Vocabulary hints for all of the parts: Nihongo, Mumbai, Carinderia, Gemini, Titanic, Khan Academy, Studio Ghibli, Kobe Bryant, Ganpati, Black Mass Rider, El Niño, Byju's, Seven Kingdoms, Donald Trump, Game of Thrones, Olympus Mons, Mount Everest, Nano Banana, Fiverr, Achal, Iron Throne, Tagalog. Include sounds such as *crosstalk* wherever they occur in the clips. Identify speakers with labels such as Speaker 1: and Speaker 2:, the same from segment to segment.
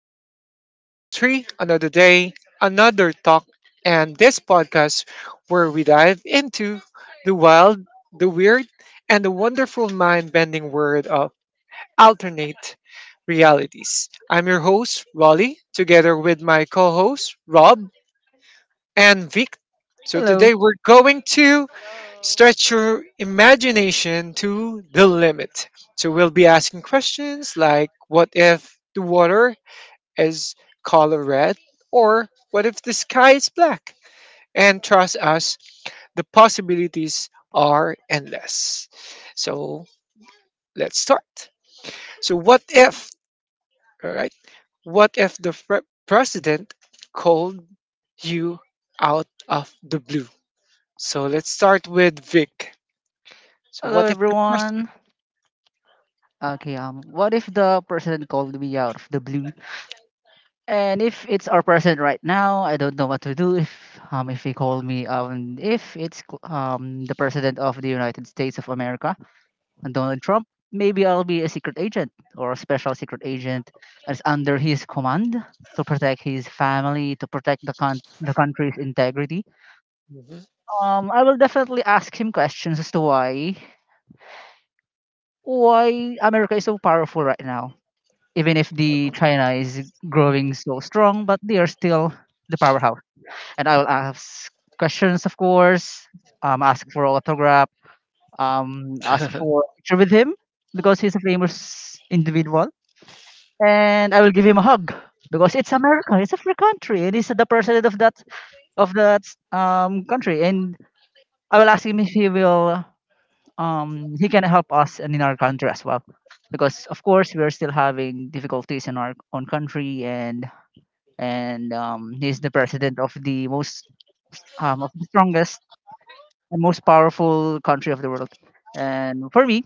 Speaker 1: If Episode 3, another day, another talk, and this podcast where we dive into the wild, the weird, and the wonderful mind bending world of alternate realities. I'm your host, Raleigh, together with my co host, Rob and Vic. So
Speaker 2: Hello.
Speaker 1: today we're going to
Speaker 3: Hello.
Speaker 1: stretch your imagination to the limit. So we'll be asking questions like what if the water is color red, or what if the sky is black? And trust us, the possibilities are endless. So let's start. So what if, all right? What if the president called you out of the blue? So let's start with Vic. So
Speaker 2: Hello,
Speaker 1: what if the president?
Speaker 2: everyone. Okay, what if the president called me out of the blue? And if it's our president right now, I don't know what to do if he called me if it's the president of the United States of America, Donald Trump, maybe I'll be a secret agent or a special secret agent that's under his command to protect his family, to protect the country's integrity. I will definitely ask him questions as to why America is so powerful right now even if the China is growing so strong, but they are still the powerhouse. And I will ask questions, of course, ask for autograph, ask
Speaker 1: *laughs*
Speaker 2: for a picture with him because he's a famous individual, and I will give him a hug because it's America, it's a free country, and he's the president of that country, and I will ask him if he will. He can help us and in our country as well because of course we are still having difficulties in our own country and he's the president of the strongest and most powerful country of the world. And for me,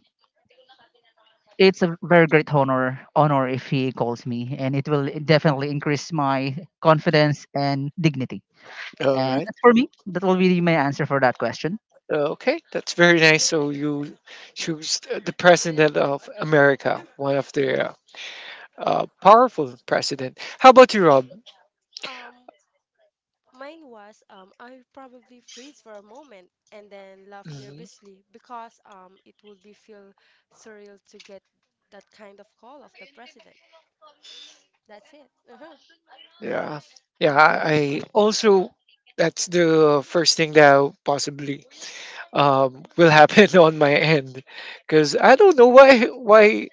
Speaker 2: it's a very great honor if he calls me, and it will definitely increase my confidence and dignity.
Speaker 1: All
Speaker 2: And
Speaker 1: right.
Speaker 2: that's for me. That will be my answer for that question.
Speaker 1: Okay that's very nice. So you choose the president of America, one of the powerful president. How about you, Rob?
Speaker 3: Um, Mine was I probably freeze for a moment and then laugh
Speaker 1: Hmm.
Speaker 3: nervously because it would be feel surreal to get that kind of call of the president. That's it. Uh-huh.
Speaker 1: Yeah, yeah. I
Speaker 3: Uh-huh.
Speaker 1: also that's the first thing that possibly will happen *laughs* on my end, because I don't know why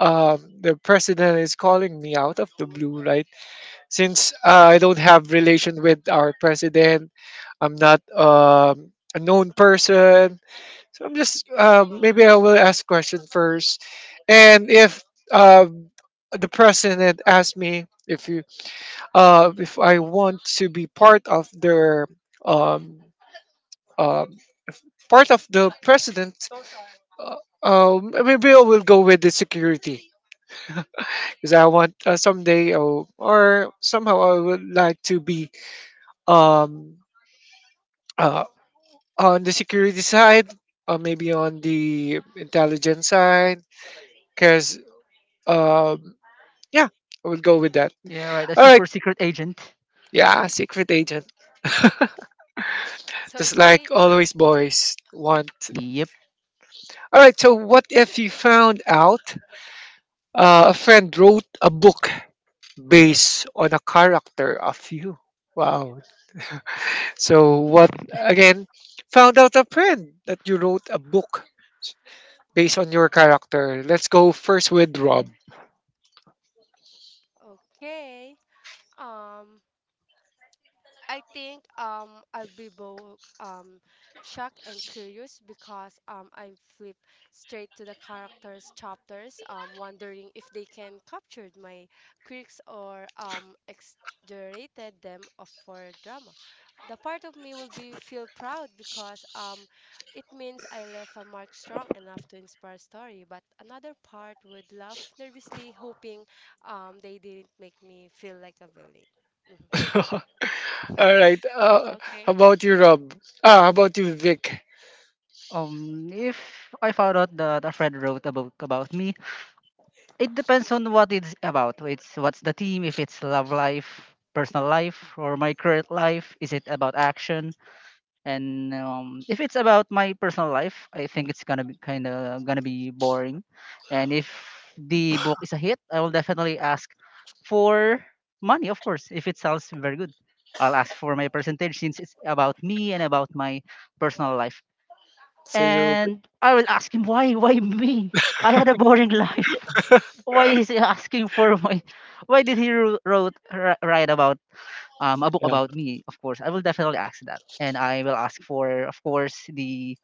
Speaker 1: the president is calling me out of the blue, right? Since I don't have relation with our president, I'm not a known person. So I'm just maybe I will ask question first, and if uh, the president asks me, if I want to be part of their um, um part of the president, uh, maybe I will go with the security. Because I want, someday, or somehow, I would like to be, um, uh, on the security side, or maybe on the intelligence side. Because, um, yeah, I will go with that.
Speaker 2: Yeah, right. A
Speaker 1: All right.
Speaker 2: super secret agent.
Speaker 1: Yeah, secret agent. *laughs* Just
Speaker 3: Sounds
Speaker 1: like
Speaker 3: great.
Speaker 1: always,
Speaker 3: *laughs*
Speaker 1: boys want.
Speaker 2: Yep.
Speaker 1: All right. So, what if you found out a friend wrote a book based on a character of you? Wow. So, what again? Found out a friend that you wrote a book based on your character. Let's go first with Rob.
Speaker 3: Okay. Um, I think I'll be both shocked and curious because I flip straight to the characters chapters wondering if they can capture my quirks or exaggerated them for drama. The part of me will be feel proud because it means I left a mark strong enough to inspire story, but another part would laugh nervously hoping they didn't make me feel like a villain. Mhm.
Speaker 1: *laughs* All right.
Speaker 3: *laughs*
Speaker 1: How
Speaker 3: Okay.
Speaker 1: about you, Rob? Ah, how about you, Vic?
Speaker 2: If I found out that a friend wrote a book about me, it depends on what it's about. It's what's the theme? If it's love life, personal life, or my current life, is it about action? And if it's about my personal life, I think it's gonna be kind of gonna be boring. And if the book is a hit, I will definitely ask for money, of course, if it sounds very good. I'll ask for my percentage since it's about me and about my personal life.
Speaker 1: So you,
Speaker 2: And I will ask him why me? I had a boring life. *laughs* Why is he asking for my why did he write about a book
Speaker 1: yeah.
Speaker 2: about me? Of course, I will definitely ask that. And I will ask for of course the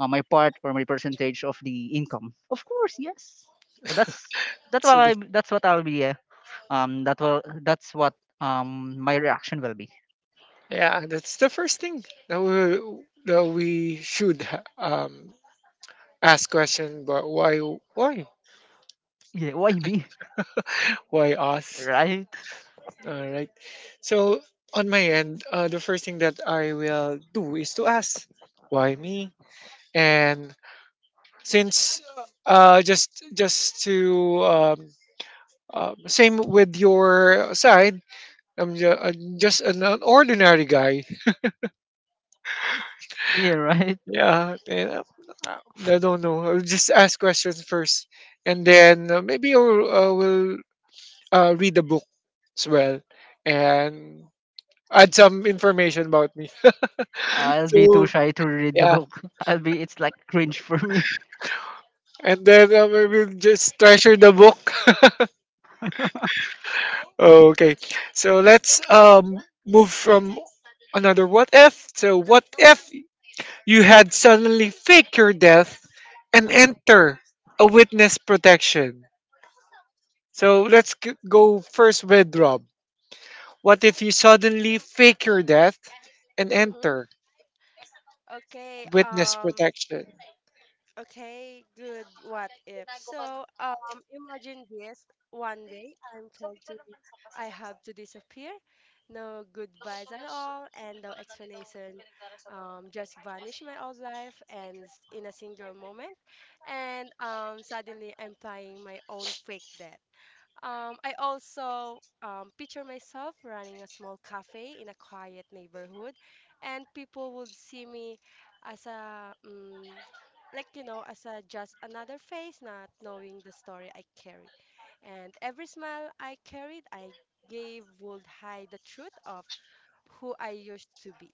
Speaker 2: my part or my percentage of the income. Of course, yes. So that's that's what
Speaker 1: So
Speaker 2: I
Speaker 1: the,
Speaker 2: that's what I'll be that will that's what my reaction will be.
Speaker 1: yeah, that's the first thing that we should ask question. But why,
Speaker 2: *laughs* Yeah, why me?
Speaker 1: why us?
Speaker 2: Right? *laughs*
Speaker 1: All right. So on my end, the first thing that I will do is to ask why me. And since just to, same with your side, I'm just an ordinary guy.
Speaker 2: Yeah, right.
Speaker 1: Yeah, and I don't know. I'll just ask questions first, and then maybe I will read the book as well and add some information about me. *laughs*
Speaker 2: I'll be too
Speaker 1: So
Speaker 2: shy to read the
Speaker 1: yeah,
Speaker 2: book. *laughs* I'll be it's like cringe for me.
Speaker 1: and then we will just treasure the book.
Speaker 2: *laughs*
Speaker 1: *laughs* Okay, so let's move from another what if. So what if you had suddenly fake your death and enter a witness protection? So let's go first with Rob. What if you suddenly fake your death and
Speaker 3: Mm-hmm.
Speaker 1: enter
Speaker 3: Okay,
Speaker 1: witness protection?
Speaker 3: okay, good what if. So, imagine this. One day I'm told to I have to disappear. No goodbyes at all and no explanation. Just vanish my old life and in a single moment. And suddenly I'm playing my own fake death. I also picture myself running a small cafe in a quiet neighborhood, and people would see me as a um, as a just another face, not knowing the story I carry, and every smile I carried, I gave would hide the truth of who I used to be.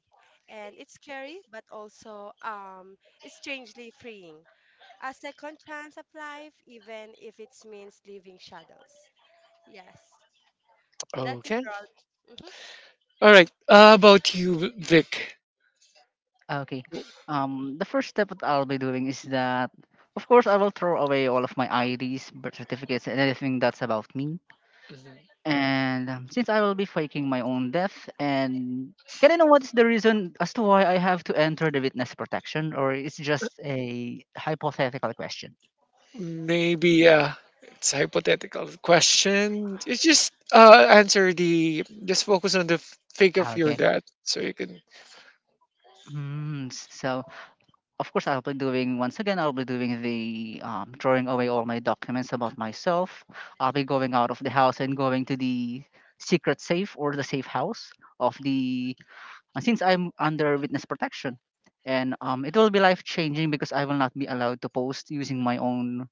Speaker 3: And it's scary, but also strangely freeing. A second chance of life, even if it means leaving shadows. Yes. That's it,
Speaker 1: Okay.
Speaker 3: Ron. Mm-hmm.
Speaker 1: All right. About you, Vic.
Speaker 2: Okay. The first step that I'll be doing is that, of course, I will throw away all of my IDs, birth certificates, and anything that's about me. And since I will be faking my own death, and can I know what is the reason as to why I have to enter the witness protection, or it's just a hypothetical question?
Speaker 1: Maybe it's a hypothetical question. It's just, answer the just focus on the fake of your
Speaker 2: Okay.
Speaker 1: death, so you can.
Speaker 2: Hmm. so Of course, I'll be doing once again. I'll be doing the throwing away all my documents about myself. I'll be going out of the house and going to the secret safe or the safe house of the. And since I'm under witness protection, and it will be life changing because I will not be allowed to post using my own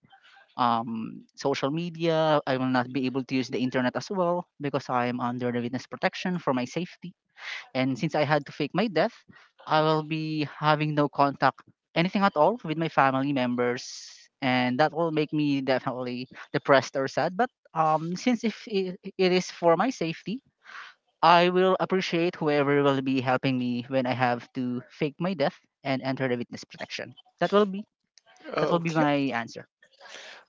Speaker 2: social media. I will not be able to use the internet as well because I am under the witness protection for my safety and since I had to fake my death, I will be having no contact, anything at all, with my family members, and that will make me definitely depressed or sad. But since if it is for my safety, I will appreciate whoever will be helping me when I have to fake my death and enter the witness protection. That will be
Speaker 1: Okay.
Speaker 2: my answer.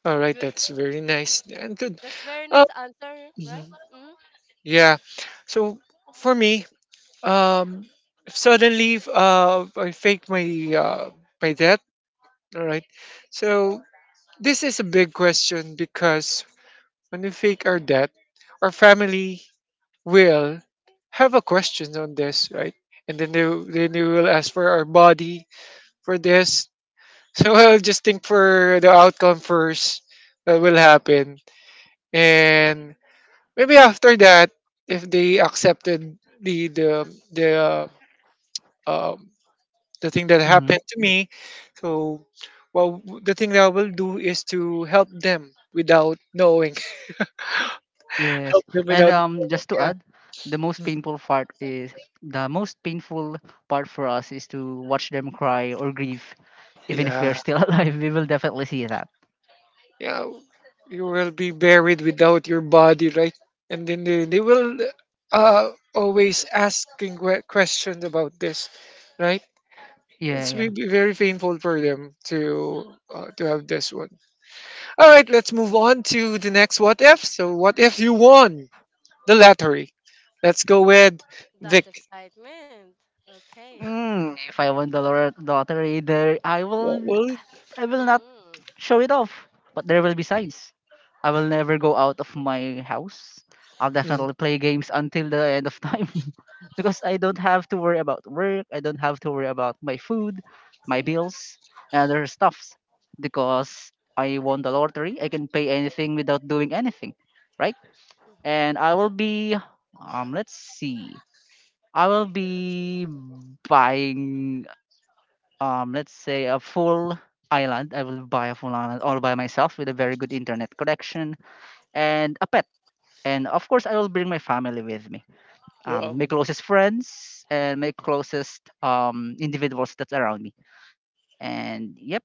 Speaker 1: All right.
Speaker 3: Good.
Speaker 1: That's very nice and good.
Speaker 3: That's very
Speaker 1: Uh,
Speaker 3: nice answer, right?
Speaker 1: mhm.
Speaker 3: Mm-hmm. *laughs*
Speaker 1: Yeah. So for me, um suddenly I faked my uh my death. All right, so this is a big question, because when we fake our death, our family will have a question on this, right? And then then they will ask for our body for this. So *laughs* I'll just think for the outcome first that will happen. And maybe after that, if they accepted uh, the thing that
Speaker 2: hmm
Speaker 1: happened to me. So, well, the thing that I will do is to help them without knowing. *laughs* Help
Speaker 2: Yes,
Speaker 1: them
Speaker 2: and
Speaker 1: without knowing.
Speaker 2: just to
Speaker 1: Yeah.
Speaker 2: add, the most
Speaker 1: Mm.
Speaker 2: painful part is the most painful part for us is to watch them cry or grieve even if
Speaker 1: Yeah.
Speaker 2: we're still *laughs* alive, we will definitely see that.
Speaker 1: Yeah. You will be buried without your body, right? And then they will uh, always asking questions about this, right?
Speaker 2: Yeah,
Speaker 1: It's
Speaker 3: Mm-hmm.
Speaker 2: yeah.
Speaker 1: be very painful for them, to have this one. All right, let's move on to the next what if. So, what if you won? The lottery. Let's go with Vic.
Speaker 3: That's excitement. Okay.
Speaker 2: Mm, if I won the lottery, there
Speaker 1: What will it-
Speaker 2: I will not
Speaker 3: Mm-hmm.
Speaker 2: show it off, but there will be signs. I will never go out of my house. I'll
Speaker 1: mm,
Speaker 2: definitely play games until the end of time *laughs* because I don't have to worry about work. I don't have to worry about my food, my bills, and other stuffs because I won the lottery. I can pay anything without doing anything, right?
Speaker 3: Mm-hmm.
Speaker 2: And I will be let's see. I will be buying let's say a full island. I will buy a full island all by myself with a very good internet connection and a pet. And of course I will bring my family with me. My
Speaker 1: Well,
Speaker 2: closest friends and my closest individuals that's around me. And yep,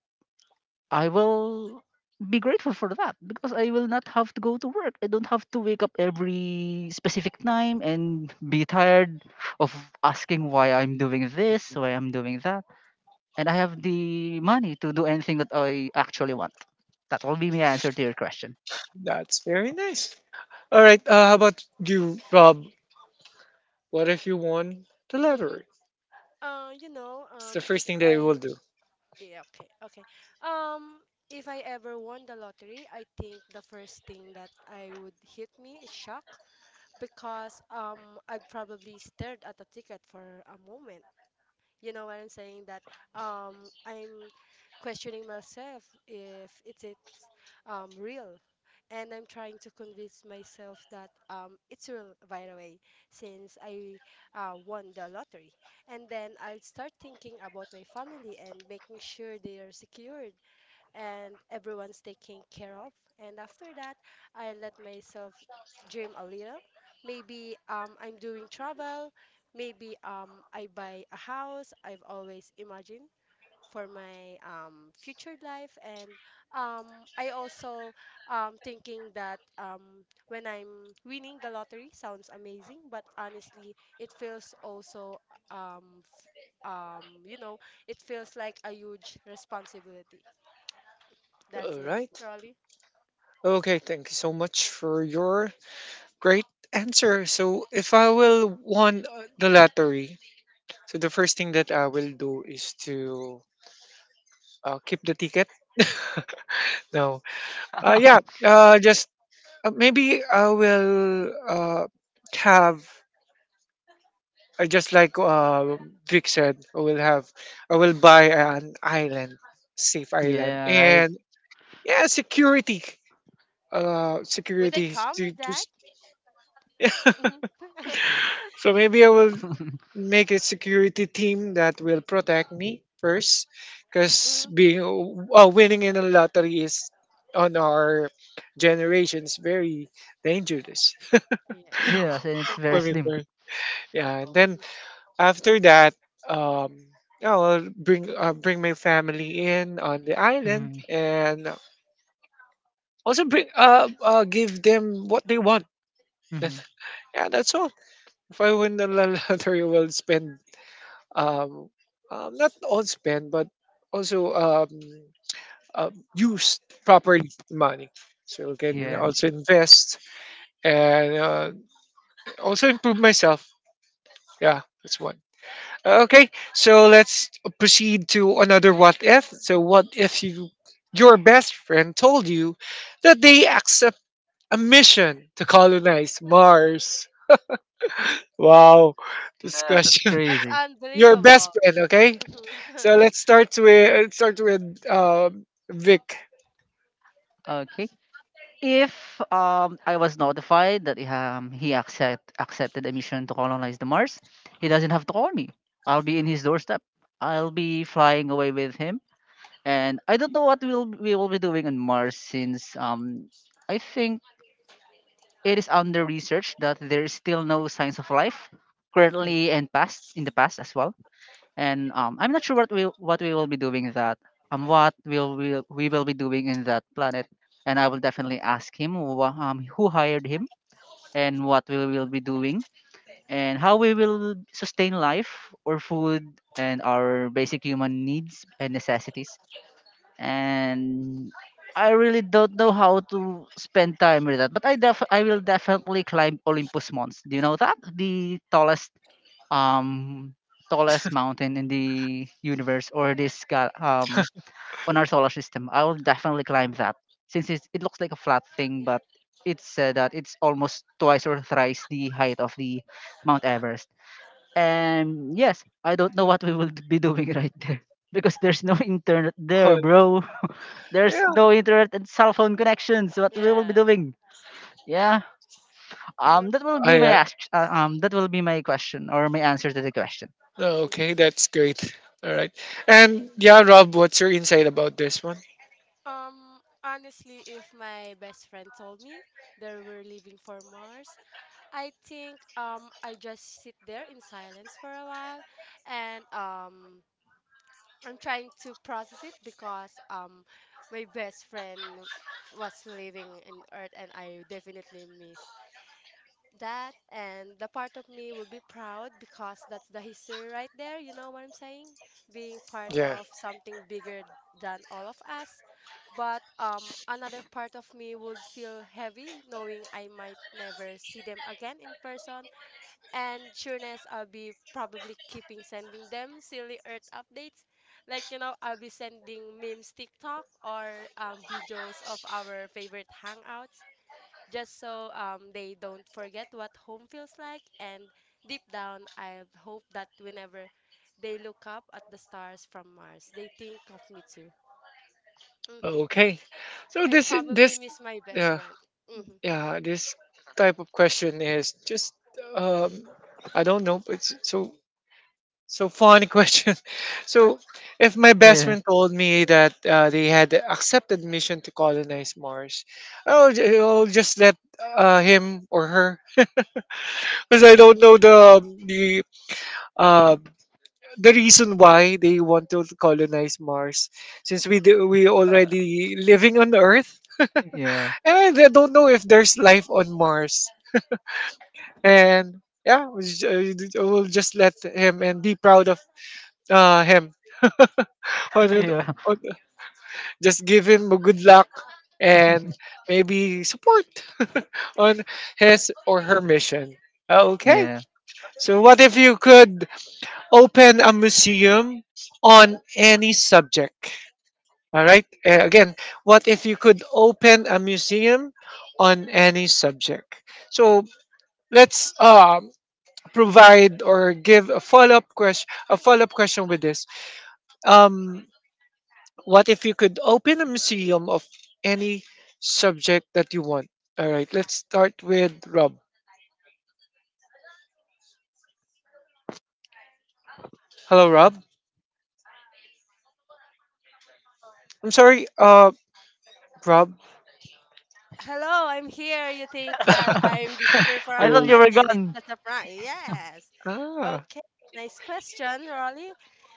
Speaker 2: I will be grateful for that because I will not have to go to work. I don't have to wake up every specific time and be tired of asking why I'm doing this, why I'm doing that. And I have the money to do anything that I actually want. That will be my answer to your question.
Speaker 1: that's very nice. All right. How about you, Rob? What if you won the
Speaker 3: Mm-hmm.
Speaker 1: lottery?
Speaker 3: You know,
Speaker 1: It's the first
Speaker 3: if
Speaker 1: thing that I will
Speaker 3: I
Speaker 1: do.
Speaker 3: Yeah, okay, okay. Um, if I ever won the lottery, I think the first thing that I would hit me is shock because I'd probably stared at the ticket for a moment. You know what I'm saying? That um, I'm questioning myself if it's real. And I'm trying to convince myself that it's real right away since I won the lottery. And then I'll start thinking about my family and making sure they are secured and everyone's taken care of. And after that, I let myself dream a little. Maybe I'm doing travel. Maybe I buy a house I've always imagined for my future life. And um, I also thinking that when I'm winning the lottery sounds amazing, but honestly, it feels also um, f- um, you know, it feels like a huge responsibility. That's
Speaker 1: All
Speaker 3: it,
Speaker 1: right.
Speaker 3: Rolly.
Speaker 1: Okay. Thank you so much for your great answer. So, if I will won, the lottery, so the first thing that I will do is to, keep the ticket. *laughs* No. Yeah.
Speaker 2: *laughs*
Speaker 1: Just maybe I will have, just like, Vic said. I will have. I will buy an island, safe island,
Speaker 2: yeah, right.
Speaker 1: and yeah, security. Uh,
Speaker 3: Would they
Speaker 1: security is
Speaker 3: come
Speaker 1: to
Speaker 3: with that?
Speaker 1: just.
Speaker 3: Hmm.
Speaker 1: *sighs* So maybe I will make a security team that will protect me first,
Speaker 3: *laughs*
Speaker 1: because
Speaker 3: Hmm.
Speaker 1: being, winning in a lottery is on our generation, is very dangerous.
Speaker 3: Yeah,
Speaker 2: Yes, and it's
Speaker 1: *laughs*
Speaker 2: very
Speaker 1: When we
Speaker 3: exactly.
Speaker 2: slim.
Speaker 1: first, yeah, and then
Speaker 3: Hmm.
Speaker 1: after that, um, I'll bring, my family in on the island,
Speaker 2: Hmm
Speaker 1: and also bring give them what they want. *laughs*
Speaker 2: hmm
Speaker 1: Yeah, that's all. If I win the *laughs* lottery, I will spend, um, not all spend, but also, use properly the money. So I can
Speaker 2: Yeah.
Speaker 1: also invest and, also improve myself. Yeah, that's one. Okay, so let's proceed to another what if. So what if your best friend told you that they accept a mission to colonize Mars? Wow, this
Speaker 2: No, that's
Speaker 1: question.
Speaker 3: That's
Speaker 2: crazy.
Speaker 1: *laughs* Your best
Speaker 3: unbelievable.
Speaker 1: friend, okay?
Speaker 3: Hmm. *laughs*
Speaker 1: So let's start with um, Vic.
Speaker 2: Okay. If I was notified that he accepted a mission to colonize the Mars, he doesn't have to call me. I'll be in his doorstep. I'll be flying away with him, and I don't know what we will be doing on Mars since I think it is under research that there is still no signs of life currently and past in the past as well and I'm not sure what we will be doing that what will we will be doing in that planet, and I will definitely ask him who hired him and what we will be doing and how we will sustain life or food and our basic human needs and necessities and I really don't know how to spend time with that, but I will definitely climb Olympus Mons. Do you know that the um, tallest mountain in the universe or this on our solar system, I will definitely climb that since it looks like a flat thing, but it's said that it's almost twice or thrice the height of the Mount Everest. And yes, I don't know what we will be doing *laughs* right there because there's no internet there,
Speaker 1: Col-
Speaker 2: bro. There's
Speaker 1: Yeah.
Speaker 2: no internet and cell phone connections. What we will be
Speaker 3: Yeah.
Speaker 2: doing? Yeah. That will be
Speaker 1: I,
Speaker 2: my
Speaker 1: uh,
Speaker 2: ask. That will be my question or my answer to the question.
Speaker 3: Hmm.
Speaker 1: okay, that's great. All right. And yeah, Rob, what's your insight about this one?
Speaker 3: Honestly, if my best friend told me that we're leaving for Mars, I think I just sit there in silence for a while, and I'm trying to process it because my best friend was living in Earth and I definitely miss that. And the part of me will be proud because that's the history right there. You know what I'm saying? Being part
Speaker 1: Yeah.
Speaker 3: of something bigger than all of us, but another part of me would feel heavy knowing I might never see them again in person. And sureness I'll be probably keeping sending them silly earth updates. Like I'll be sending memes tiktok or videos of our favorite hangouts, just so they don't forget what home feels like. And deep down, I hope that whenever they look up at the stars from Mars, they think of me too. Hmm.
Speaker 1: Okay. So
Speaker 3: I
Speaker 1: this
Speaker 3: probably
Speaker 1: this
Speaker 3: miss my best
Speaker 1: yeah.
Speaker 3: friend. Hmm.
Speaker 1: Yeah, this type of question is just, um I don't know, but it's so, so funny *laughs* question. So if my best
Speaker 2: Yeah.
Speaker 1: friend told me that, they had accepted mission to colonize Mars, I'll just let, him or her *laughs* because I don't know uh, the reason why they want to colonize Mars, since we already living on Earth,
Speaker 2: Yeah.
Speaker 1: and I don't know if there's life on Mars. And yeah, we'll just let him and be proud of, him. *laughs* On it-
Speaker 2: Yeah.
Speaker 1: on- just give him a good luck, and
Speaker 2: *laughs*
Speaker 1: maybe support *laughs* on his or her mission. Okay,
Speaker 2: yeah.
Speaker 1: so what if you could open a museum on any subject? All right, again, what if you could open a museum on any subject? So let's provide or give a follow-up question, with this, um what if you could open a museum of any subject that you want. All right, let's start with Rob. Hello, Rob. I'm sorry, Rob.
Speaker 3: Hello, I'm here. You think that I'm disappeared for
Speaker 2: *laughs*
Speaker 3: a
Speaker 2: I thought
Speaker 1: you're-
Speaker 2: you
Speaker 3: moment
Speaker 2: were
Speaker 3: and it's
Speaker 2: gone.
Speaker 3: just a prank. Yes.
Speaker 1: ah
Speaker 3: Okay, nice question, Rolly.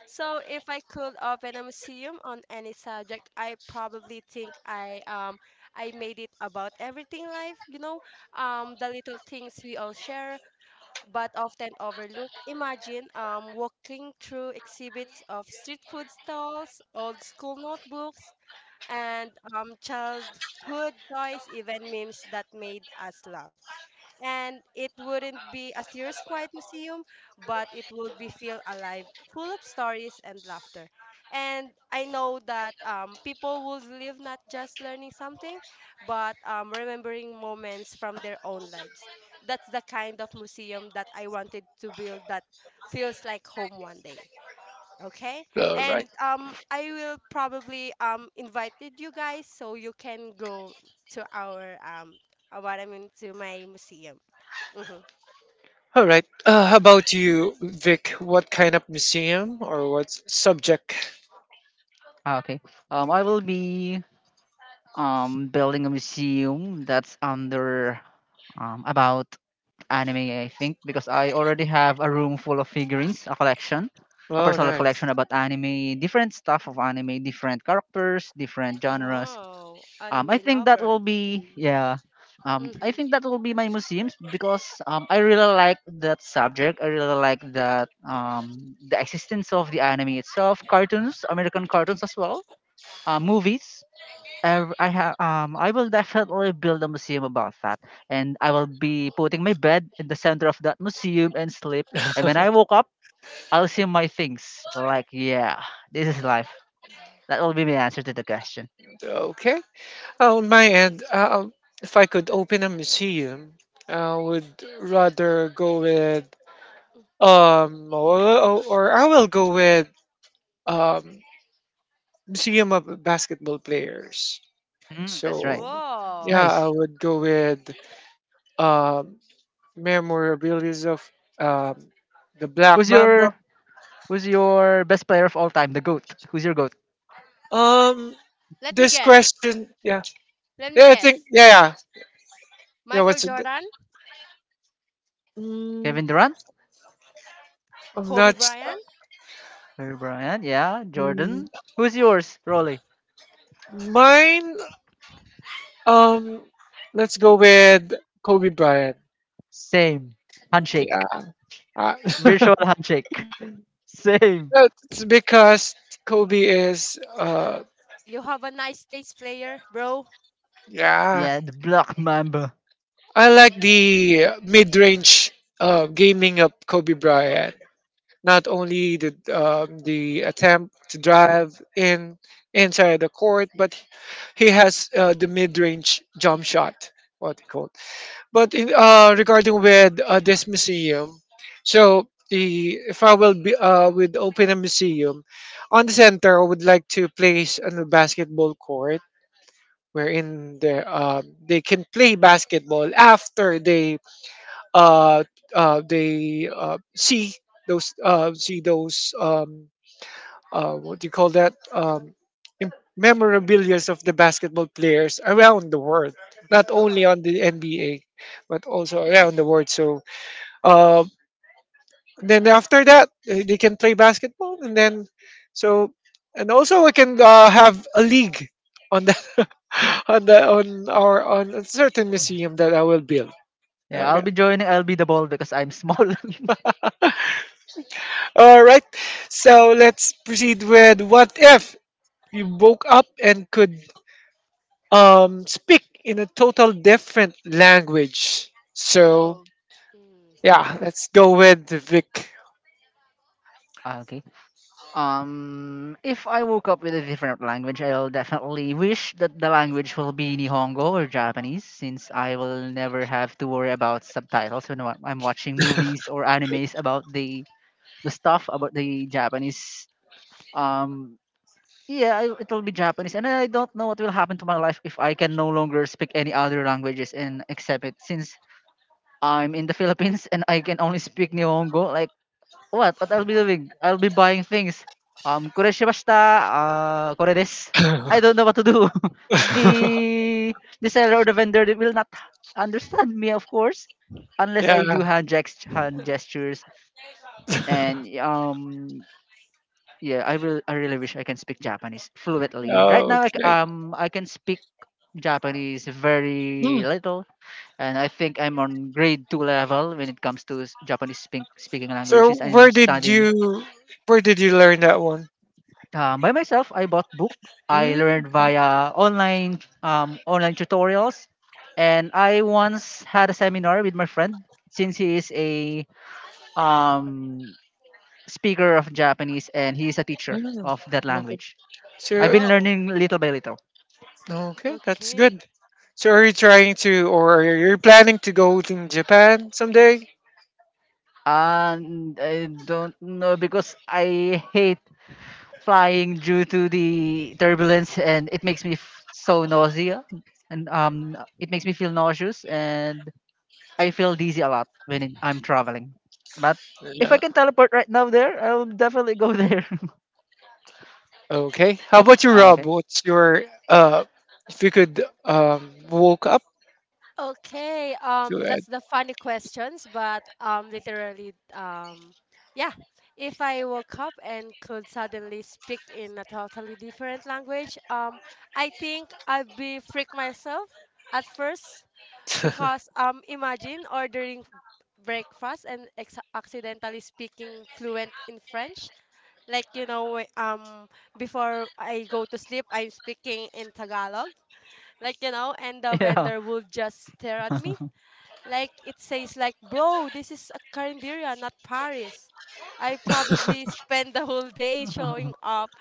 Speaker 3: So if I could open a museum on any subject, I probably think I made it about everything life, the little things we all share but often overlook. Imagine walking through exhibits of street food stalls, old school notebooks, and childhood toys, even memes that made us laugh. And it wouldn't be a serious quiet museum, but it would be feel alive, full of stories and laughter. And I know that people would live not just learning something, but remembering moments from their own lives. That's the kind of museum that I wanted to build that feels like home one day. Okay.
Speaker 1: all right
Speaker 3: And I will probably invited you guys so you can go to our what I mean to my museum. Hmm.
Speaker 1: all right. How about you, Vic? What kind of museum or what subject?
Speaker 2: Ah, okay. I will be building a museum that's under about anime, I think, because I already have a room full of figurines, a collection, a
Speaker 1: Oh,
Speaker 2: personal
Speaker 1: nice.
Speaker 2: collection about anime, different stuff of anime, different characters, different genres.
Speaker 3: Wow,
Speaker 2: I
Speaker 3: anime
Speaker 2: think that will
Speaker 3: lover.
Speaker 2: be yeah. I
Speaker 3: Mm-hmm.
Speaker 2: think that will be my museums because I really like that subject. I really like that the existence of the anime itself, cartoons, American cartoons as well, movies. I have I will definitely build a museum about that, and I will be putting my bed in the center of that museum and sleep. And when I woke up, I'll see my things. So like yeah, this is life. That will be my answer to the question.
Speaker 1: Okay, on my end, if I could open a museum, I would rather go with, or, I will go with, um, Museum of Basketball Players.
Speaker 2: Mm, that's right.
Speaker 1: So,
Speaker 2: It's
Speaker 1: yeah,
Speaker 3: Whoa.
Speaker 2: nice.
Speaker 1: I would go with, um, Memorabilis of, um, the Black
Speaker 2: Who's
Speaker 1: Mamba.
Speaker 2: your Who's your best player of all time? The GOAT. Who's your GOAT?
Speaker 1: Um,
Speaker 3: Let me
Speaker 1: this
Speaker 3: guess.
Speaker 1: question, yeah,
Speaker 3: Let me
Speaker 1: yeah, I think,
Speaker 3: guess.
Speaker 1: yeah, yeah, yeah.
Speaker 3: Michael
Speaker 1: What's it?
Speaker 3: Jordan,
Speaker 1: Mm,
Speaker 2: Kevin Durant?
Speaker 1: I'm
Speaker 3: Kobe
Speaker 1: not.
Speaker 3: Bryant.
Speaker 2: Kobe Bryant? Yeah.
Speaker 1: Mm,
Speaker 2: Jordan? Who's yours, Rolly?
Speaker 1: mine. Um, let's go with Kobe Bryant.
Speaker 2: Same.
Speaker 1: Yeah.
Speaker 2: Handshake.
Speaker 1: Ah.
Speaker 2: Virtual
Speaker 1: *laughs*
Speaker 2: handshake. *laughs* Same.
Speaker 1: It's because, Kobe is, uh,
Speaker 3: You have a nice taste player, bro.
Speaker 1: yeah,
Speaker 2: Yeah, the Black Mamba.
Speaker 1: I like the mid-range, gaming of Kobe Bryant. Not only the attempt to drive in inside the court, but he has, the mid-range jump shot, what they call. But regarding with, this museum, so the if I will be, would open a museum on the center, I would like to place a basketball court wherein they can play basketball after uh, they see those what do you call that memorabilias of the basketball players around the world, not only on the NBA but also around the world. So, uh, then after that, they can play basketball, and then so and also we can, have a league on the *laughs* on the on our on a certain museum that I will build. Okay.
Speaker 2: I'll be the ball because I'm small. *laughs*
Speaker 1: *laughs* All right. So let's proceed with what if you woke up and could speak in a total different language. So
Speaker 3: Whoa. Mm.
Speaker 1: yeah, let's go with Vic.
Speaker 2: Ah, okay. If I woke up with a different language, I'll definitely wish that the language will be Nihongo or Japanese, since I will never have to worry about subtitles when I'm watching movies or animes about the stuff about the Japanese. Um, yeah, it will be Japanese, and I don't know what will happen to my life if I can no longer speak any other languages and accept it. Since I'm in the Philippines and I can only speak Nihongo, like what? What I'll be doing? I'll be buying things. Koreshimashita, kore desu. I don't
Speaker 1: *laughs*
Speaker 2: know what to do. *laughs* the the seller or the vendor they will not understand me, of course, unless I
Speaker 1: Yeah.
Speaker 2: do hand gestures and yeah, I really wish I can speak Japanese fluently. Right now,
Speaker 1: *laughs* Okay.
Speaker 2: I can speak Japanese
Speaker 1: Hmm.
Speaker 2: very little, and I think I'm on grade two level when it comes to Japanese speaking
Speaker 1: So
Speaker 2: languages. I'm
Speaker 1: where did
Speaker 2: studying
Speaker 1: you where did you learn that one?
Speaker 2: by myself. I bought book. I
Speaker 1: Mm,
Speaker 2: learned via online online tutorials, and I once had a seminar with my friend since he is a um, speaker of Japanese and he is a teacher of that
Speaker 1: mm, okay.
Speaker 2: language. I've
Speaker 1: So
Speaker 2: been
Speaker 3: Whoa.
Speaker 2: learning little by little.
Speaker 1: okay, that's
Speaker 3: Okay.
Speaker 1: good. So are you trying to, or are you planning to go to Japan someday?
Speaker 2: And I don't know because I hate flying due to the turbulence and it makes me so nausea and it makes me feel nauseous and I feel dizzy a lot I'm traveling. But if I
Speaker 1: Yeah.
Speaker 2: can teleport right now there, I'll definitely go there.
Speaker 1: Okay. How about
Speaker 2: *laughs*
Speaker 1: you, Rob?
Speaker 2: okay.
Speaker 1: What's your, if you could, woke up
Speaker 3: Okay,
Speaker 1: to it?
Speaker 3: that's the funny questions, but literally, yeah. If I woke up and could suddenly speak in a totally different language, I think I'd be freak myself at first because imagine ordering breakfast and accidentally speaking fluent in French. Like before I go to sleep, I'm speaking in Tagalog. Like and the
Speaker 2: Yeah.
Speaker 3: vendor would just stare at me like it says like, bro, this is a Carinderia, not Paris. I probably spend the whole day showing
Speaker 2: *laughs*
Speaker 3: up,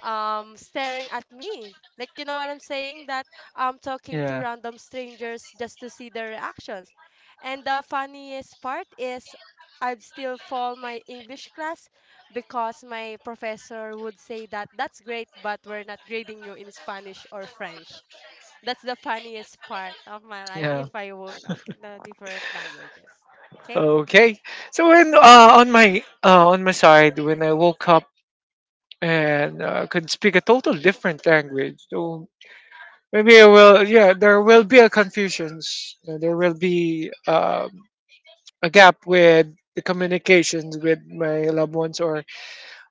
Speaker 3: staring at me. Like you know what I'm saying? That I'm talking to
Speaker 2: yeah.
Speaker 3: random strangers just to see their reactions. And the funniest part is I'd still fall my English class because my professor would say that that's great, but we're not grading you in Spanish or French. That's the funniest part of my life if
Speaker 2: Yeah.
Speaker 3: I woke up in the different languages.
Speaker 1: *laughs*
Speaker 3: Okay?
Speaker 1: Okay. So when, on my side, when I woke up and, could speak a total different language. So maybe it will, yeah, there will be a confusions, there will be a gap with the communications with my loved ones or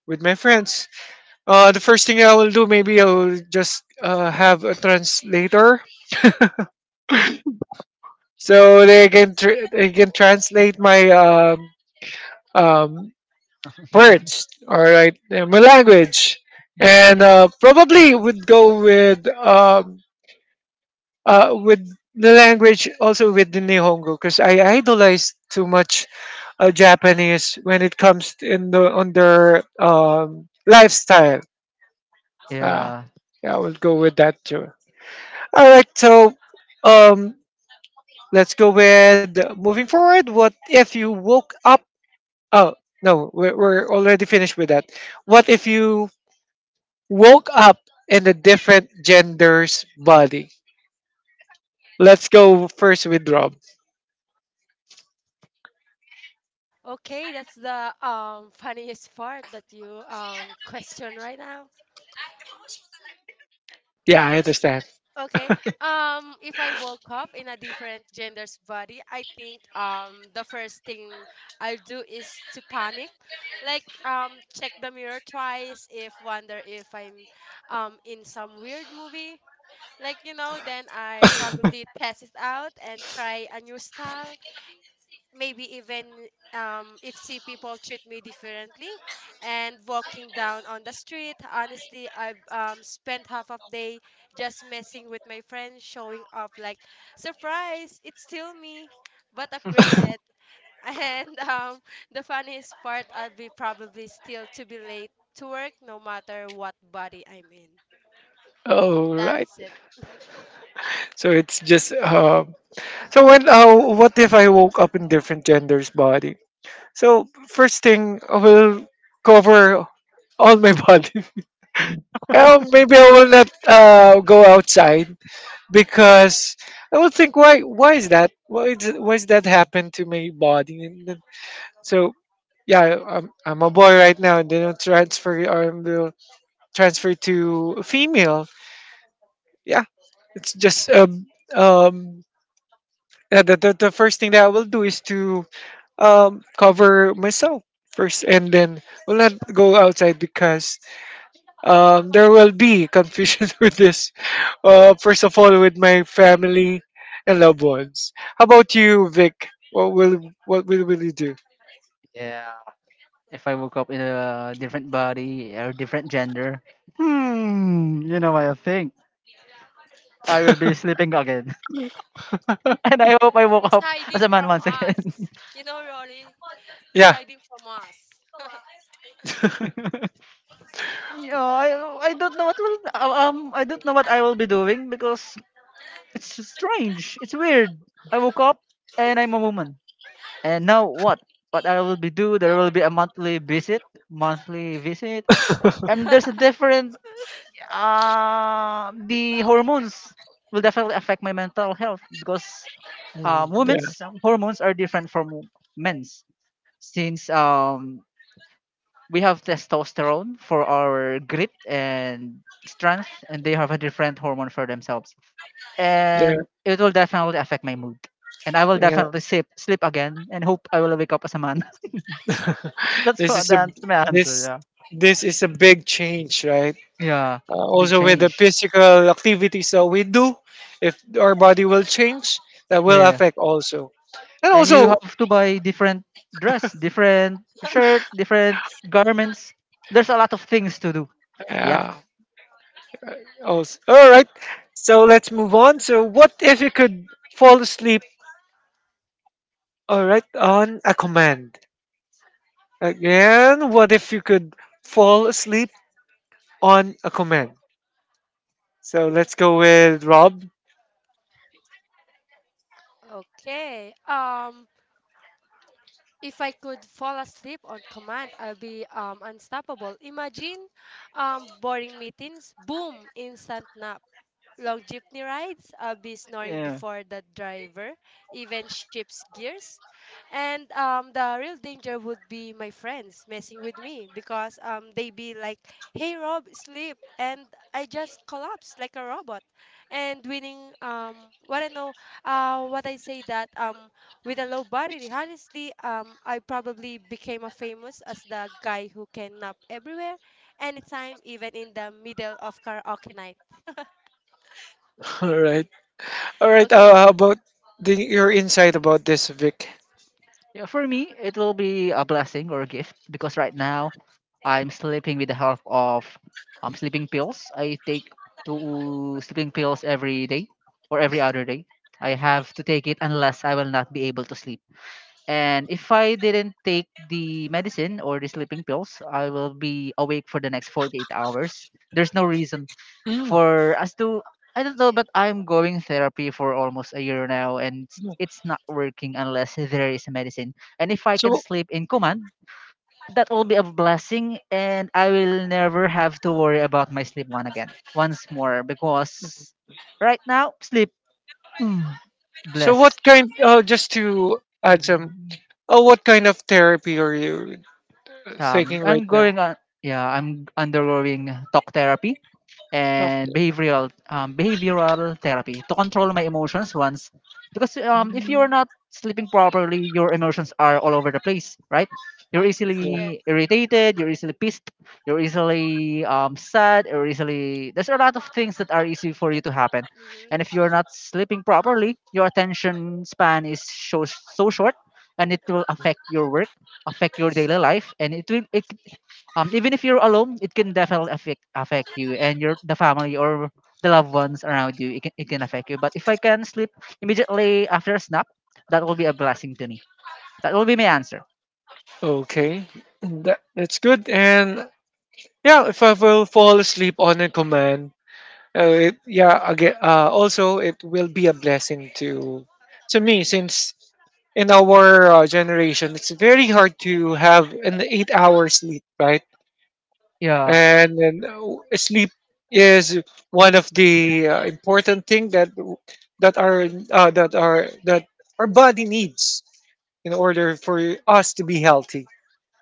Speaker 1: with my friends. Uh, the first thing I will do, maybe I'll just have a translator so they can they can translate my um,
Speaker 2: *laughs*
Speaker 1: words. All right, my language, and probably would go with the language, also with the Nihongo, because I idolize too much Japanese when it comes to- in the on their lifestyle. Uh,
Speaker 2: yeah.
Speaker 1: yeah, I will go with that too. All right, so um, let's go with moving forward. What if you woke up? Oh no, we're already finished with that. What if you woke up in a different gender's body? Let's go first with Rob.
Speaker 3: Okay, that's the *laughs* funniest part that you question right now.
Speaker 1: Yeah, I understand.
Speaker 3: Okay. If I woke up in a different gender's body, I think the first thing I'll do is to panic. Like, check the mirror twice if wonder if I'm in some weird movie. Like then I probably test it out and try a new style, maybe even if see people treat me differently and walking down on the street. Honestly, I've spent half of day just messing with my friends showing off like surprise it's still me but
Speaker 2: *laughs*
Speaker 3: upgraded. *laughs* And the funniest part I'll be probably still to be late to work no matter what body I'm in.
Speaker 1: All right.
Speaker 3: That's it.
Speaker 1: So it's just so
Speaker 3: *laughs*
Speaker 1: when what if I woke up in different gender's body? So first thing I will cover all my *laughs* body. Well, maybe I will not go outside because I will think why is that happen to my body? And then, so yeah, I'm a boy right now, and then I'll transfer, or I will transfer to a female. Yeah, it's just um yeah, the first thing that I will do is to cover myself first, and then will not go outside because there will be confusion *laughs* with this. First of all, with my family and loved ones. How about you, Vic? What will you do?
Speaker 2: yeah. If I woke up in a different body or different gender, hmm, you know, what I think, I will be sleeping again. *laughs* and I hope I woke
Speaker 3: He's
Speaker 2: up as
Speaker 3: hiding
Speaker 2: a man
Speaker 3: from
Speaker 2: once again.
Speaker 3: us, Rory. He's
Speaker 1: Yeah.
Speaker 3: hiding from us.
Speaker 2: *laughs* yeah, I don't know what will I don't know what I will be doing because it's just strange. It's weird. I woke up and I'm a woman. And now what? What I will be do? There will be a monthly visit,
Speaker 1: *laughs*
Speaker 2: and there's a
Speaker 3: *laughs*
Speaker 2: different the hormones will definitely affect my mental health because
Speaker 1: Mm,
Speaker 2: women's hormones are different from men's since we have testosterone for our grit and strength and they have a different hormone for themselves
Speaker 1: yeah,
Speaker 2: and it will definitely affect my mood and I will
Speaker 1: yeah,
Speaker 2: definitely sleep again and hope I will wake up as a man.
Speaker 1: yeah.
Speaker 2: *laughs*
Speaker 1: *laughs*
Speaker 2: that's
Speaker 1: This
Speaker 2: what
Speaker 1: is a
Speaker 2: that's my answer.
Speaker 1: this
Speaker 2: Yeah.
Speaker 1: big change, right?
Speaker 2: Yeah, it's a big
Speaker 1: Also with the
Speaker 2: change.
Speaker 1: physical activities that we do, if our body will change, that will
Speaker 2: Yeah,
Speaker 1: affect also, and
Speaker 2: and
Speaker 3: Mm.
Speaker 2: you have
Speaker 1: also,
Speaker 2: to buy different dress, different
Speaker 3: *laughs*
Speaker 2: shirt, different garments. There's a lot of things to do. Yeah.
Speaker 1: yeah, also. All right, so let's move on. So what if you could fall asleep, all right, on a command. Again, what if you could fall asleep on a command? So let's go with Rob.
Speaker 3: Okay. If I could fall asleep on command, I'll be unstoppable. Imagine boring meetings, boom, instant nap. Long jeepney rides, I'll be snoring
Speaker 2: Yeah.
Speaker 3: before the driver even shifts gears. And the real danger would be my friends messing with me because they be like, hey, Rob, sleep. And I just collapse like a robot. And winning, what I know, what I say that with a low body, honestly, I probably became a famous as the guy who can nap everywhere, anytime, even in the middle of karaoke night. *laughs*
Speaker 1: *laughs* All right, all right,
Speaker 3: Okay.
Speaker 1: how about your insight about this, Vic?
Speaker 2: Yeah, for me, it will be a blessing or a gift because right now I'm sleeping with the help of sleeping pills. I take two sleeping pills every day or every other day. I have to take it unless I will not be able to sleep. And if I didn't take the medicine or the sleeping pills, I will be awake for the next 48 hours. There's no reason
Speaker 1: Mm,
Speaker 2: for as to I don't know, but I'm going therapy for almost a year now, and it's
Speaker 1: yeah.
Speaker 2: it's not working unless there is medicine. And if I can
Speaker 1: so
Speaker 2: sleep in command, that will be a blessing, and I will never have to worry about my sleep one again, once more, because right now sleep, mm,
Speaker 1: So what
Speaker 2: blessed.
Speaker 1: kind? Just to add some. Oh, what kind of therapy are you taking right
Speaker 2: I'm
Speaker 1: now?
Speaker 2: going on. Yeah, I'm undergoing talk therapy and
Speaker 1: Doctor.
Speaker 2: behavioral behavioral therapy to control my emotions once because if you're
Speaker 1: Mm,
Speaker 2: not sleeping properly, your emotions are all over the place, right? You're
Speaker 1: yeah.
Speaker 3: Yes.
Speaker 2: easily irritated,
Speaker 3: Mm-hmm.
Speaker 2: you're easily pissed, you're easily sad or easily, there's a lot of things that are easy for you to happen. And
Speaker 3: Mm-hmm.
Speaker 2: if you're not sleeping properly, your attention span is so, so short, and it will affect your work, affect your daily life, and it will even if you're alone, it can definitely affect you and your, the family or the loved ones around you, it can affect you. But if I can sleep immediately after a snap, that will be a blessing to me. That will be my answer.
Speaker 1: Okay. That's good. And yeah, if I will fall asleep on a command, yeah. Again, also it will be a blessing to me, since in our generation it's very hard to have an 8-hour sleep, right?
Speaker 2: Yeah.
Speaker 1: And then sleep is one of the important thing that that our that our that our body needs in order for us to be healthy.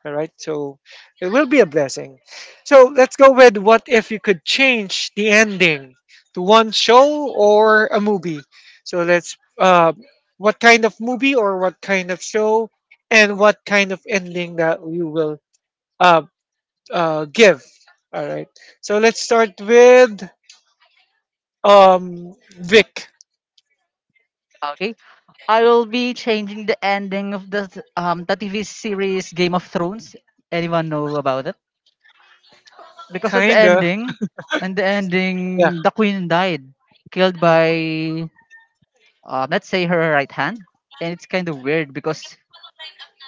Speaker 1: All right, so it will be a blessing. So let's go with, what if you could change the ending to one show or a movie? So let's what kind of movie or what kind of show, and what kind of ending that you will uh, give. All right. So let's start with Vic.
Speaker 2: Okay, I will be changing the ending of the the TV series Game of Thrones. Anyone know about it? Because at the
Speaker 1: Kinda.
Speaker 2: ending, and the
Speaker 1: Yeah.
Speaker 2: ending, the queen died, killed
Speaker 1: Mm.
Speaker 2: by let's say her right hand. And it's kind of weird because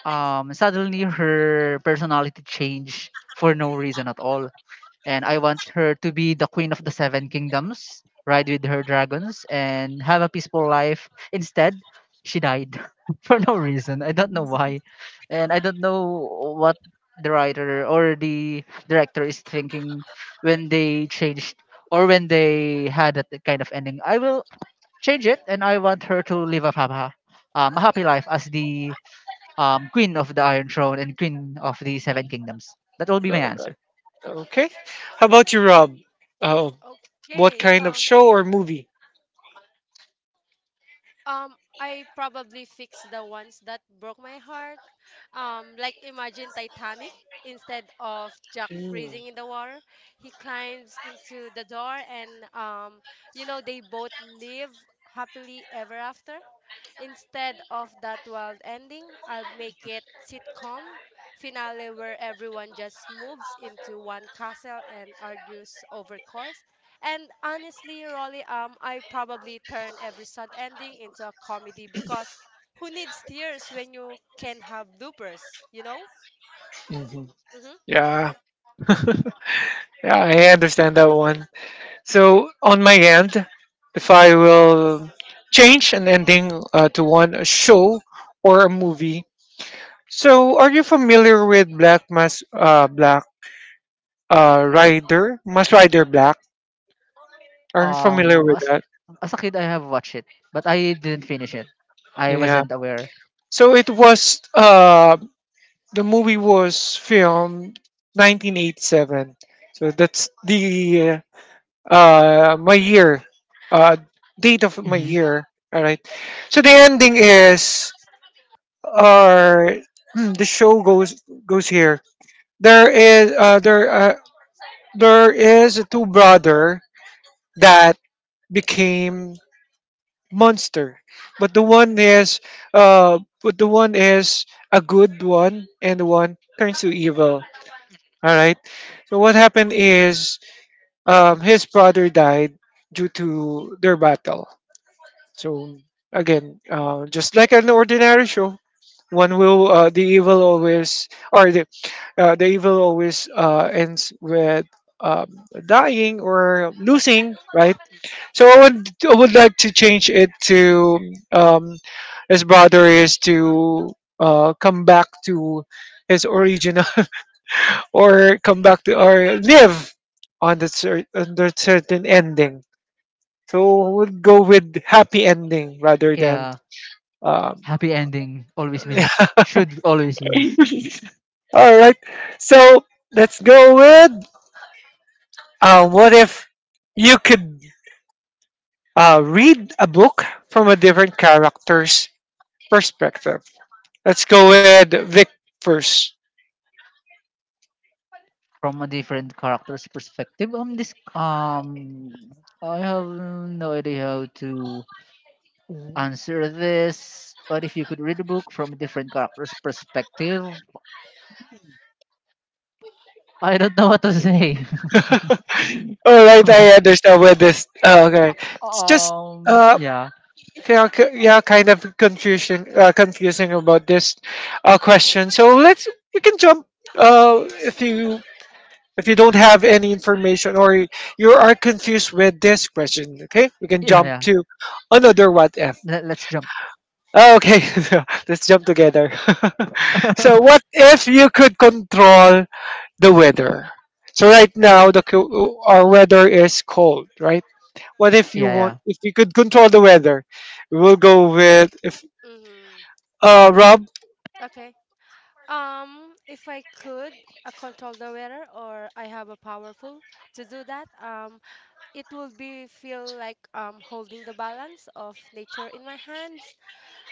Speaker 2: suddenly her personality changed for no reason at all. And I want her to be the queen of the Seven Kingdoms, ride with her dragons and have a peaceful life. Instead she died *laughs* for no reason, I don't know why. And I don't know what the writer or the director is thinking when they changed or when they had that kind of ending. I will change it and I want her to live a, a happy life as the Queen of the Iron Throne and Queen of the Seven Kingdoms. That will be my
Speaker 1: Uh,
Speaker 2: answer.
Speaker 1: Okay. How about you, Rob? Oh, what
Speaker 3: Okay.
Speaker 1: kind of show or movie?
Speaker 3: I probably fix the ones that broke my heart. Like imagine Titanic. Instead of Jack
Speaker 1: Mm-hmm.
Speaker 3: freezing in the water, he climbs into the door, and um. you know they both live happily ever after. Instead of that wild ending, I'll make it sitcom finale where everyone just moves into one castle and argues over course. And honestly, Rolly, I probably turn every sad ending into a comedy because who needs tears when you can have bloopers, you know? Mm-hmm.
Speaker 1: Yeah. *laughs* Yeah, I understand that one. So on my end, if I will change an ending to one, a show or a movie. So are you familiar with Black Mass, Black Rider Mass Rider Black? Are you familiar
Speaker 2: Um,
Speaker 1: with
Speaker 2: as,
Speaker 1: that?
Speaker 2: as a kid, I have watched it, but I didn't finish it. I
Speaker 1: Yeah.
Speaker 2: wasn't aware.
Speaker 1: So it was the movie was filmed 1987. So that's the my year, uh date of my
Speaker 2: Hmm.
Speaker 1: year. All right. So the ending is, or *clears throat* the show goes here. There is there is a two brother that became monster, but the one is uh but the one is a good one, and the one turns to evil. All right. So what happened is, his brother died due to their battle. So again, just like an ordinary show, one will the evil always ends with um, dying or losing, right? So I would like to change it to, um, his brother is to come back to his original, *laughs* or come back to, or live on the under certain ending. So I would go with happy ending rather than
Speaker 2: Yeah,
Speaker 1: um,
Speaker 2: happy ending always
Speaker 1: *laughs*
Speaker 2: wins. Should always wins.
Speaker 1: all right. So let's go with what if you could read a book from a different character's perspective. Let's go with Vic first.
Speaker 2: From a different character's perspective. This I have no idea how to
Speaker 1: Mhm.
Speaker 2: answer this. But if you could read a book from a different character's perspective, I don't know what to say.
Speaker 1: *laughs* All right, I
Speaker 2: *laughs*
Speaker 1: understand with this. Oh, okay, it's just
Speaker 2: Um.
Speaker 1: uh,
Speaker 2: Yeah.
Speaker 1: yeah, yeah, kind of confusing, about this question. So let's we can jump. If
Speaker 3: Mm-hmm.
Speaker 1: you don't have any information, or you are confused with this question, okay, we can
Speaker 2: Yeah.
Speaker 1: jump
Speaker 2: Yeah.
Speaker 1: to another what if.
Speaker 2: Let, let's jump.
Speaker 1: Oh, okay,
Speaker 3: Okay.
Speaker 1: *laughs* let's jump together.
Speaker 2: *laughs*
Speaker 1: *laughs* So what if you could control the weather? So right now the our weather is cold, right? What if you
Speaker 2: yeah.
Speaker 1: want,
Speaker 2: Yeah.
Speaker 1: if you could control the weather? We'll go with, if
Speaker 3: Mm-hmm.
Speaker 1: Rob.
Speaker 3: Okay. If I could control the weather or I have a powerful to do that, it will be feel like holding the balance of nature in my hands.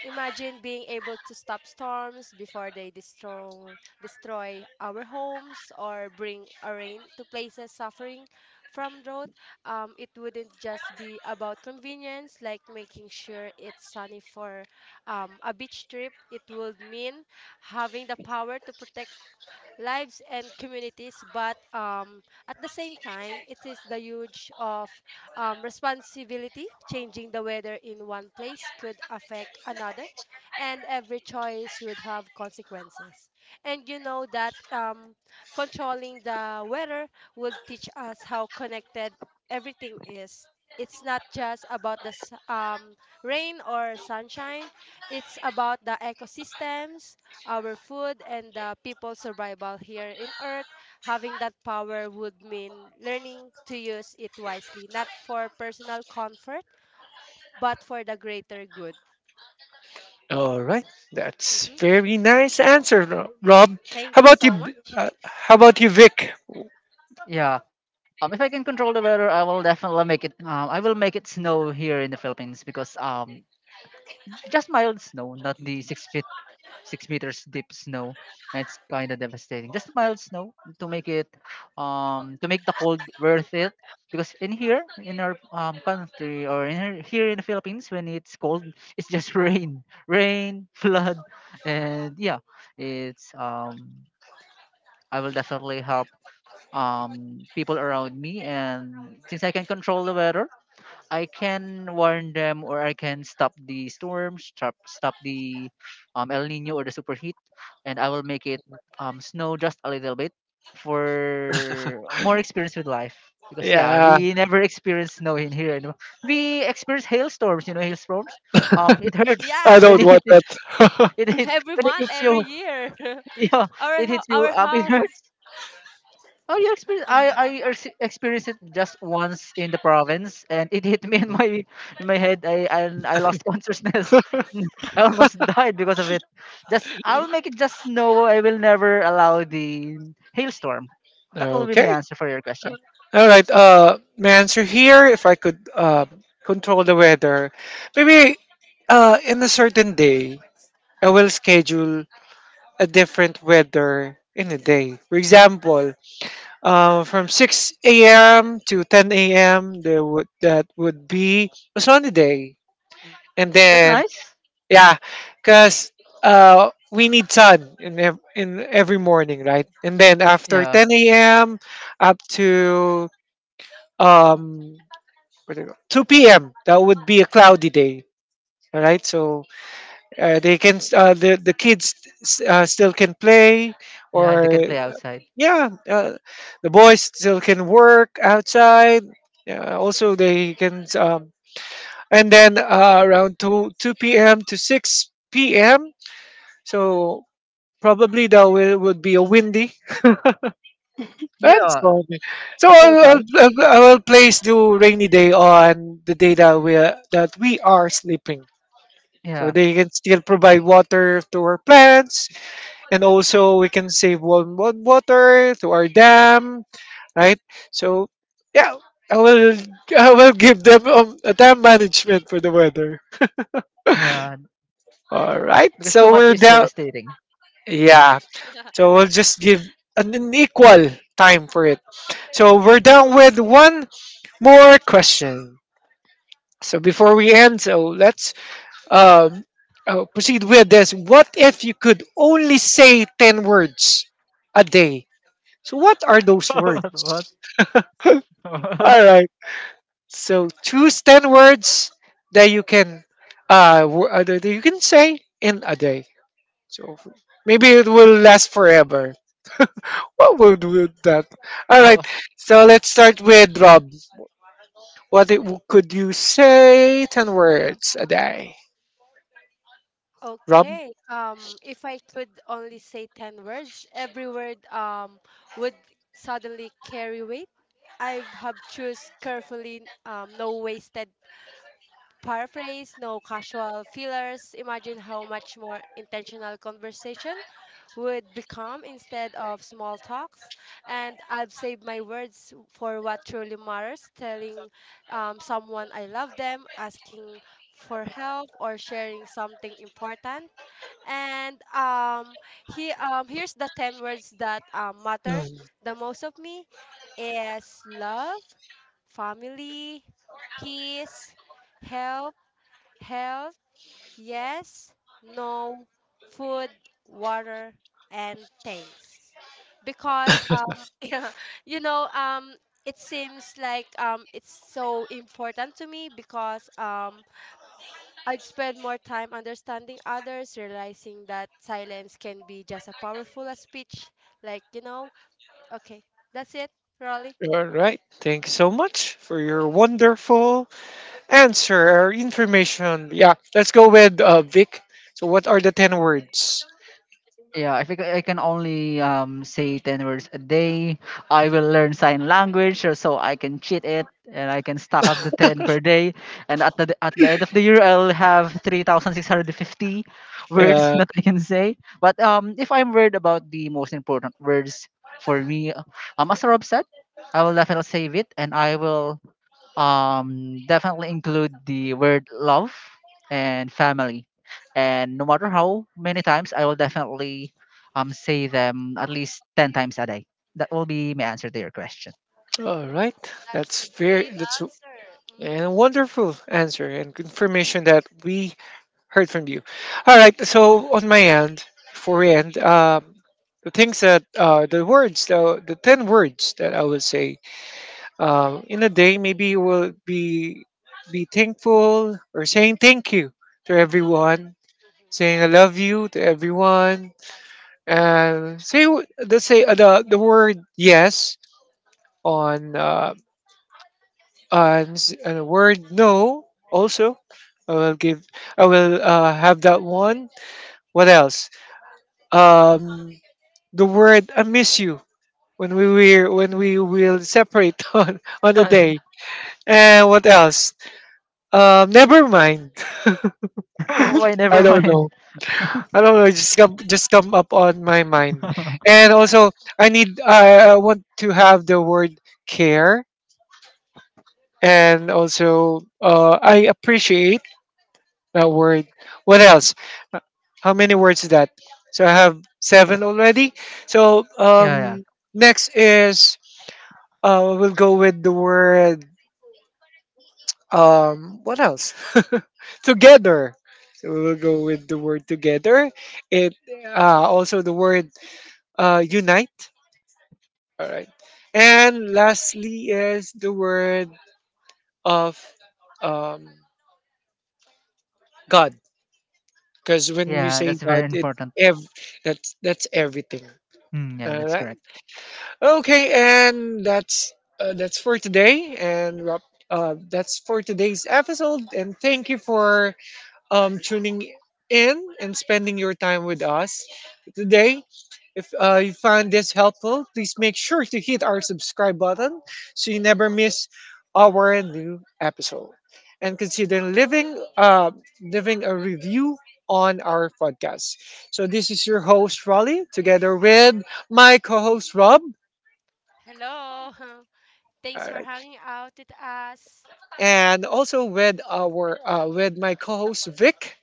Speaker 3: Imagine being able to stop storms before they destroy our homes or bring a rain to places suffering from drought. It wouldn't just be about convenience, like making sure it's sunny for a beach trip. It would mean having the power to protect lives and communities, but at the same time, it is the huge of responsibility. Changing the weather in one place could affect another, and every choice would have consequences. And you know that controlling the weather will teach us how connected everything is. It's not just about the rain or sunshine. It's about the ecosystems, our food and the people's survival here in Earth. Having that power would mean learning to use it wisely, not for personal comfort, but for the greater good.
Speaker 1: All right. That's
Speaker 3: Hmm.
Speaker 1: very nice answer, Rob. How
Speaker 3: Thank you
Speaker 1: about you
Speaker 3: so
Speaker 1: B-
Speaker 3: much.
Speaker 1: uh, how about you, Vic?
Speaker 2: Yeah. If I can control the weather, I will definitely make it. I will make it snow here in the Philippines because just mild snow, not the 6 meters deep snow, and it's kind of devastating. Just mild snow to make it, to make the cold worth it. Because in here, in our country, or in here, here in the Philippines, when it's cold, *laughs* it's just rain, rain, flood, and yeah, it's I will definitely help people around me, and since I can control the weather, I can warn them or I can stop the storm, stop the El Nino or the superheat, and I will make it snow just a little bit for more experience with life. Because yeah,
Speaker 1: Yeah.
Speaker 2: we never *laughs* experience snow in here anymore. We experience hailstorms, you know, hailstorms.
Speaker 1: *laughs*
Speaker 2: It hurts
Speaker 1: I
Speaker 3: Yeah,
Speaker 2: when
Speaker 1: don't
Speaker 3: yeah.
Speaker 2: it
Speaker 1: want
Speaker 2: *laughs* it,
Speaker 1: that. *laughs*
Speaker 2: it,
Speaker 3: *laughs*
Speaker 2: hit,
Speaker 3: Every
Speaker 2: when it
Speaker 3: month,
Speaker 2: hits
Speaker 3: every
Speaker 2: you. *laughs*
Speaker 3: year. *laughs*
Speaker 2: Yeah, it hits you.
Speaker 3: Our
Speaker 2: It
Speaker 3: house.
Speaker 2: hurts. Oh, you experience? I experienced it just once in the province, and it hit me in my, in my head. I and I lost consciousness. *laughs* I almost died because of it. Just I'll make it just snow. I will never allow the hailstorm. That will be my
Speaker 1: Okay.
Speaker 2: answer for your question.
Speaker 1: All right. My answer here, if I could control the weather, maybe in a certain day, I will schedule a different weather in a day. For example, from 6 a.m. to 10 a.m., there would that would be a sunny day,
Speaker 2: Mm.
Speaker 1: and
Speaker 2: That's
Speaker 1: then
Speaker 2: nice.
Speaker 1: yeah, because we need sun in in every morning, right? And then after
Speaker 2: Yeah,
Speaker 1: 10 a.m. up to um what do you call- 2 p.m. that would be a cloudy day. All right, so they can the kids still can play,
Speaker 2: yeah, they
Speaker 1: or
Speaker 2: can play outside.
Speaker 1: yeah, the boys still can work outside. Yeah, also they can and then around two p.m. to six p.m. So probably that will would be a windy. That's
Speaker 2: Yeah,
Speaker 1: fine. So
Speaker 2: that's quite nice.
Speaker 1: I will place the rainy day on the day that we are sleeping. So
Speaker 2: Yeah,
Speaker 1: they can still provide water to our plants, and also we can save one water to our dam, right? So yeah, I will I will give them a time management for the weather.
Speaker 2: yeah,
Speaker 1: All right,
Speaker 2: because too
Speaker 1: so
Speaker 2: much
Speaker 1: we're
Speaker 2: is
Speaker 1: down.
Speaker 2: devastating.
Speaker 1: Yeah, so we'll just give an equal time for it. So we're down with one more question. So
Speaker 3: Mhm.
Speaker 1: before we end, so let's um, proceed with this. What if you could only say ten words a day? So what are those words?
Speaker 2: *laughs* What? What?
Speaker 1: All So choose ten words that you can say in a day. So maybe it will last forever. What would that? All
Speaker 2: Oh.
Speaker 1: right. So let's start with Rob. What it, could you say ten words a day, Rob?
Speaker 3: Okay. If I could only say 10 words, every word would suddenly carry weight. I have choose carefully. No wasted paraphrase, no casual fillers. Imagine how much more intentional conversation would become instead of small talks. And I've saved my words for what truly matters telling someone I love them, asking for help, or sharing something important. And here's the 10 words that matter
Speaker 1: Mm.
Speaker 3: the most of me is love, family, peace, health, Health, yes, no, food, water, and things. Because *laughs* yeah, you know, um it seems like it's so important to me because I'd spend more time understanding others, realizing that silence can be just as powerful as speech. Like, okay, that's it, Rolly.
Speaker 1: All right. Thank you so much for your wonderful answer or information. Yeah. Let's go with Vic. So what are the ten words?
Speaker 2: Yeah, I think I can only say 10 words a day. I will learn sign language or so I can cheat it and I can stack up the 10 per day. And at the end of the year, I'll have 3,650 words
Speaker 1: Uh,
Speaker 2: *laughs* that I can say. But if I'm worried about the most important words for me, as Rob said, I will definitely save it and I will definitely include the word love and family, and no matter how many times, I will definitely say them at least 10 times a day. That will be my answer to your question.
Speaker 1: all right.
Speaker 3: That's a
Speaker 1: That's very.
Speaker 3: great
Speaker 1: That's
Speaker 3: answer.
Speaker 1: And a
Speaker 3: Mm.
Speaker 1: wonderful answer and confirmation that we heard from you. All right, so on my end, before we end, the things that the ten words that I would say in a day, maybe you will be thankful, or saying thank you to everyone, saying I love you to everyone, and say the word yes on and, and a word no. Also I will give, I will have that one. What else? um the word I miss you, when we when we will separate *laughs* on a
Speaker 2: *laughs*
Speaker 1: day. And what else? Never mind.
Speaker 2: why
Speaker 1: *laughs* i
Speaker 2: never
Speaker 1: don't
Speaker 2: mind?
Speaker 1: know I don't know, it just come up on my mind.
Speaker 2: *laughs*
Speaker 1: And also I i, want to have the word care. And also I appreciate. A word. What else? Uh, How many words is that? So I have seven already. So
Speaker 2: yeah. Yeah.
Speaker 1: next is, we'll go with the word. What else? *laughs* Together. So we'll go with the word together. It Also the word unite. All right. And lastly is the word of um, God, because when we
Speaker 2: Yeah,
Speaker 1: say
Speaker 2: that's very
Speaker 1: God,
Speaker 2: important.
Speaker 1: that's everything.
Speaker 2: Hmm, yeah, that's
Speaker 1: Alright?
Speaker 2: correct.
Speaker 1: Okay, and that's, for today, and that's for today's episode. And thank you for tuning in and spending your time with us today. If you found this helpful, please make sure to hit our subscribe button, so you never miss our new episode. And consider living, uh, a review on our podcast. So this is your host Raleigh, together with my co-host Rob.
Speaker 3: Hello. *laughs*
Speaker 1: All
Speaker 3: Thanks for
Speaker 1: right.
Speaker 3: hanging out with us.
Speaker 1: And also with our with my co-host Vic.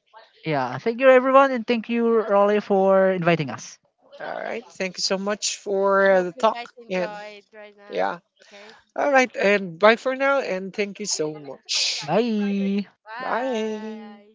Speaker 2: Yeah, thank you everyone, and thank you Rolly for inviting us.
Speaker 1: All right. Thank you so much
Speaker 3: I
Speaker 1: for
Speaker 3: hope
Speaker 1: the
Speaker 3: you guys
Speaker 1: talk. And
Speaker 3: enjoyed right now.
Speaker 1: yeah.
Speaker 3: Okay.
Speaker 1: All
Speaker 3: Hmm.
Speaker 1: right. And bye for now. And thank you so much.
Speaker 2: Bye.
Speaker 1: Bye.
Speaker 3: Bye.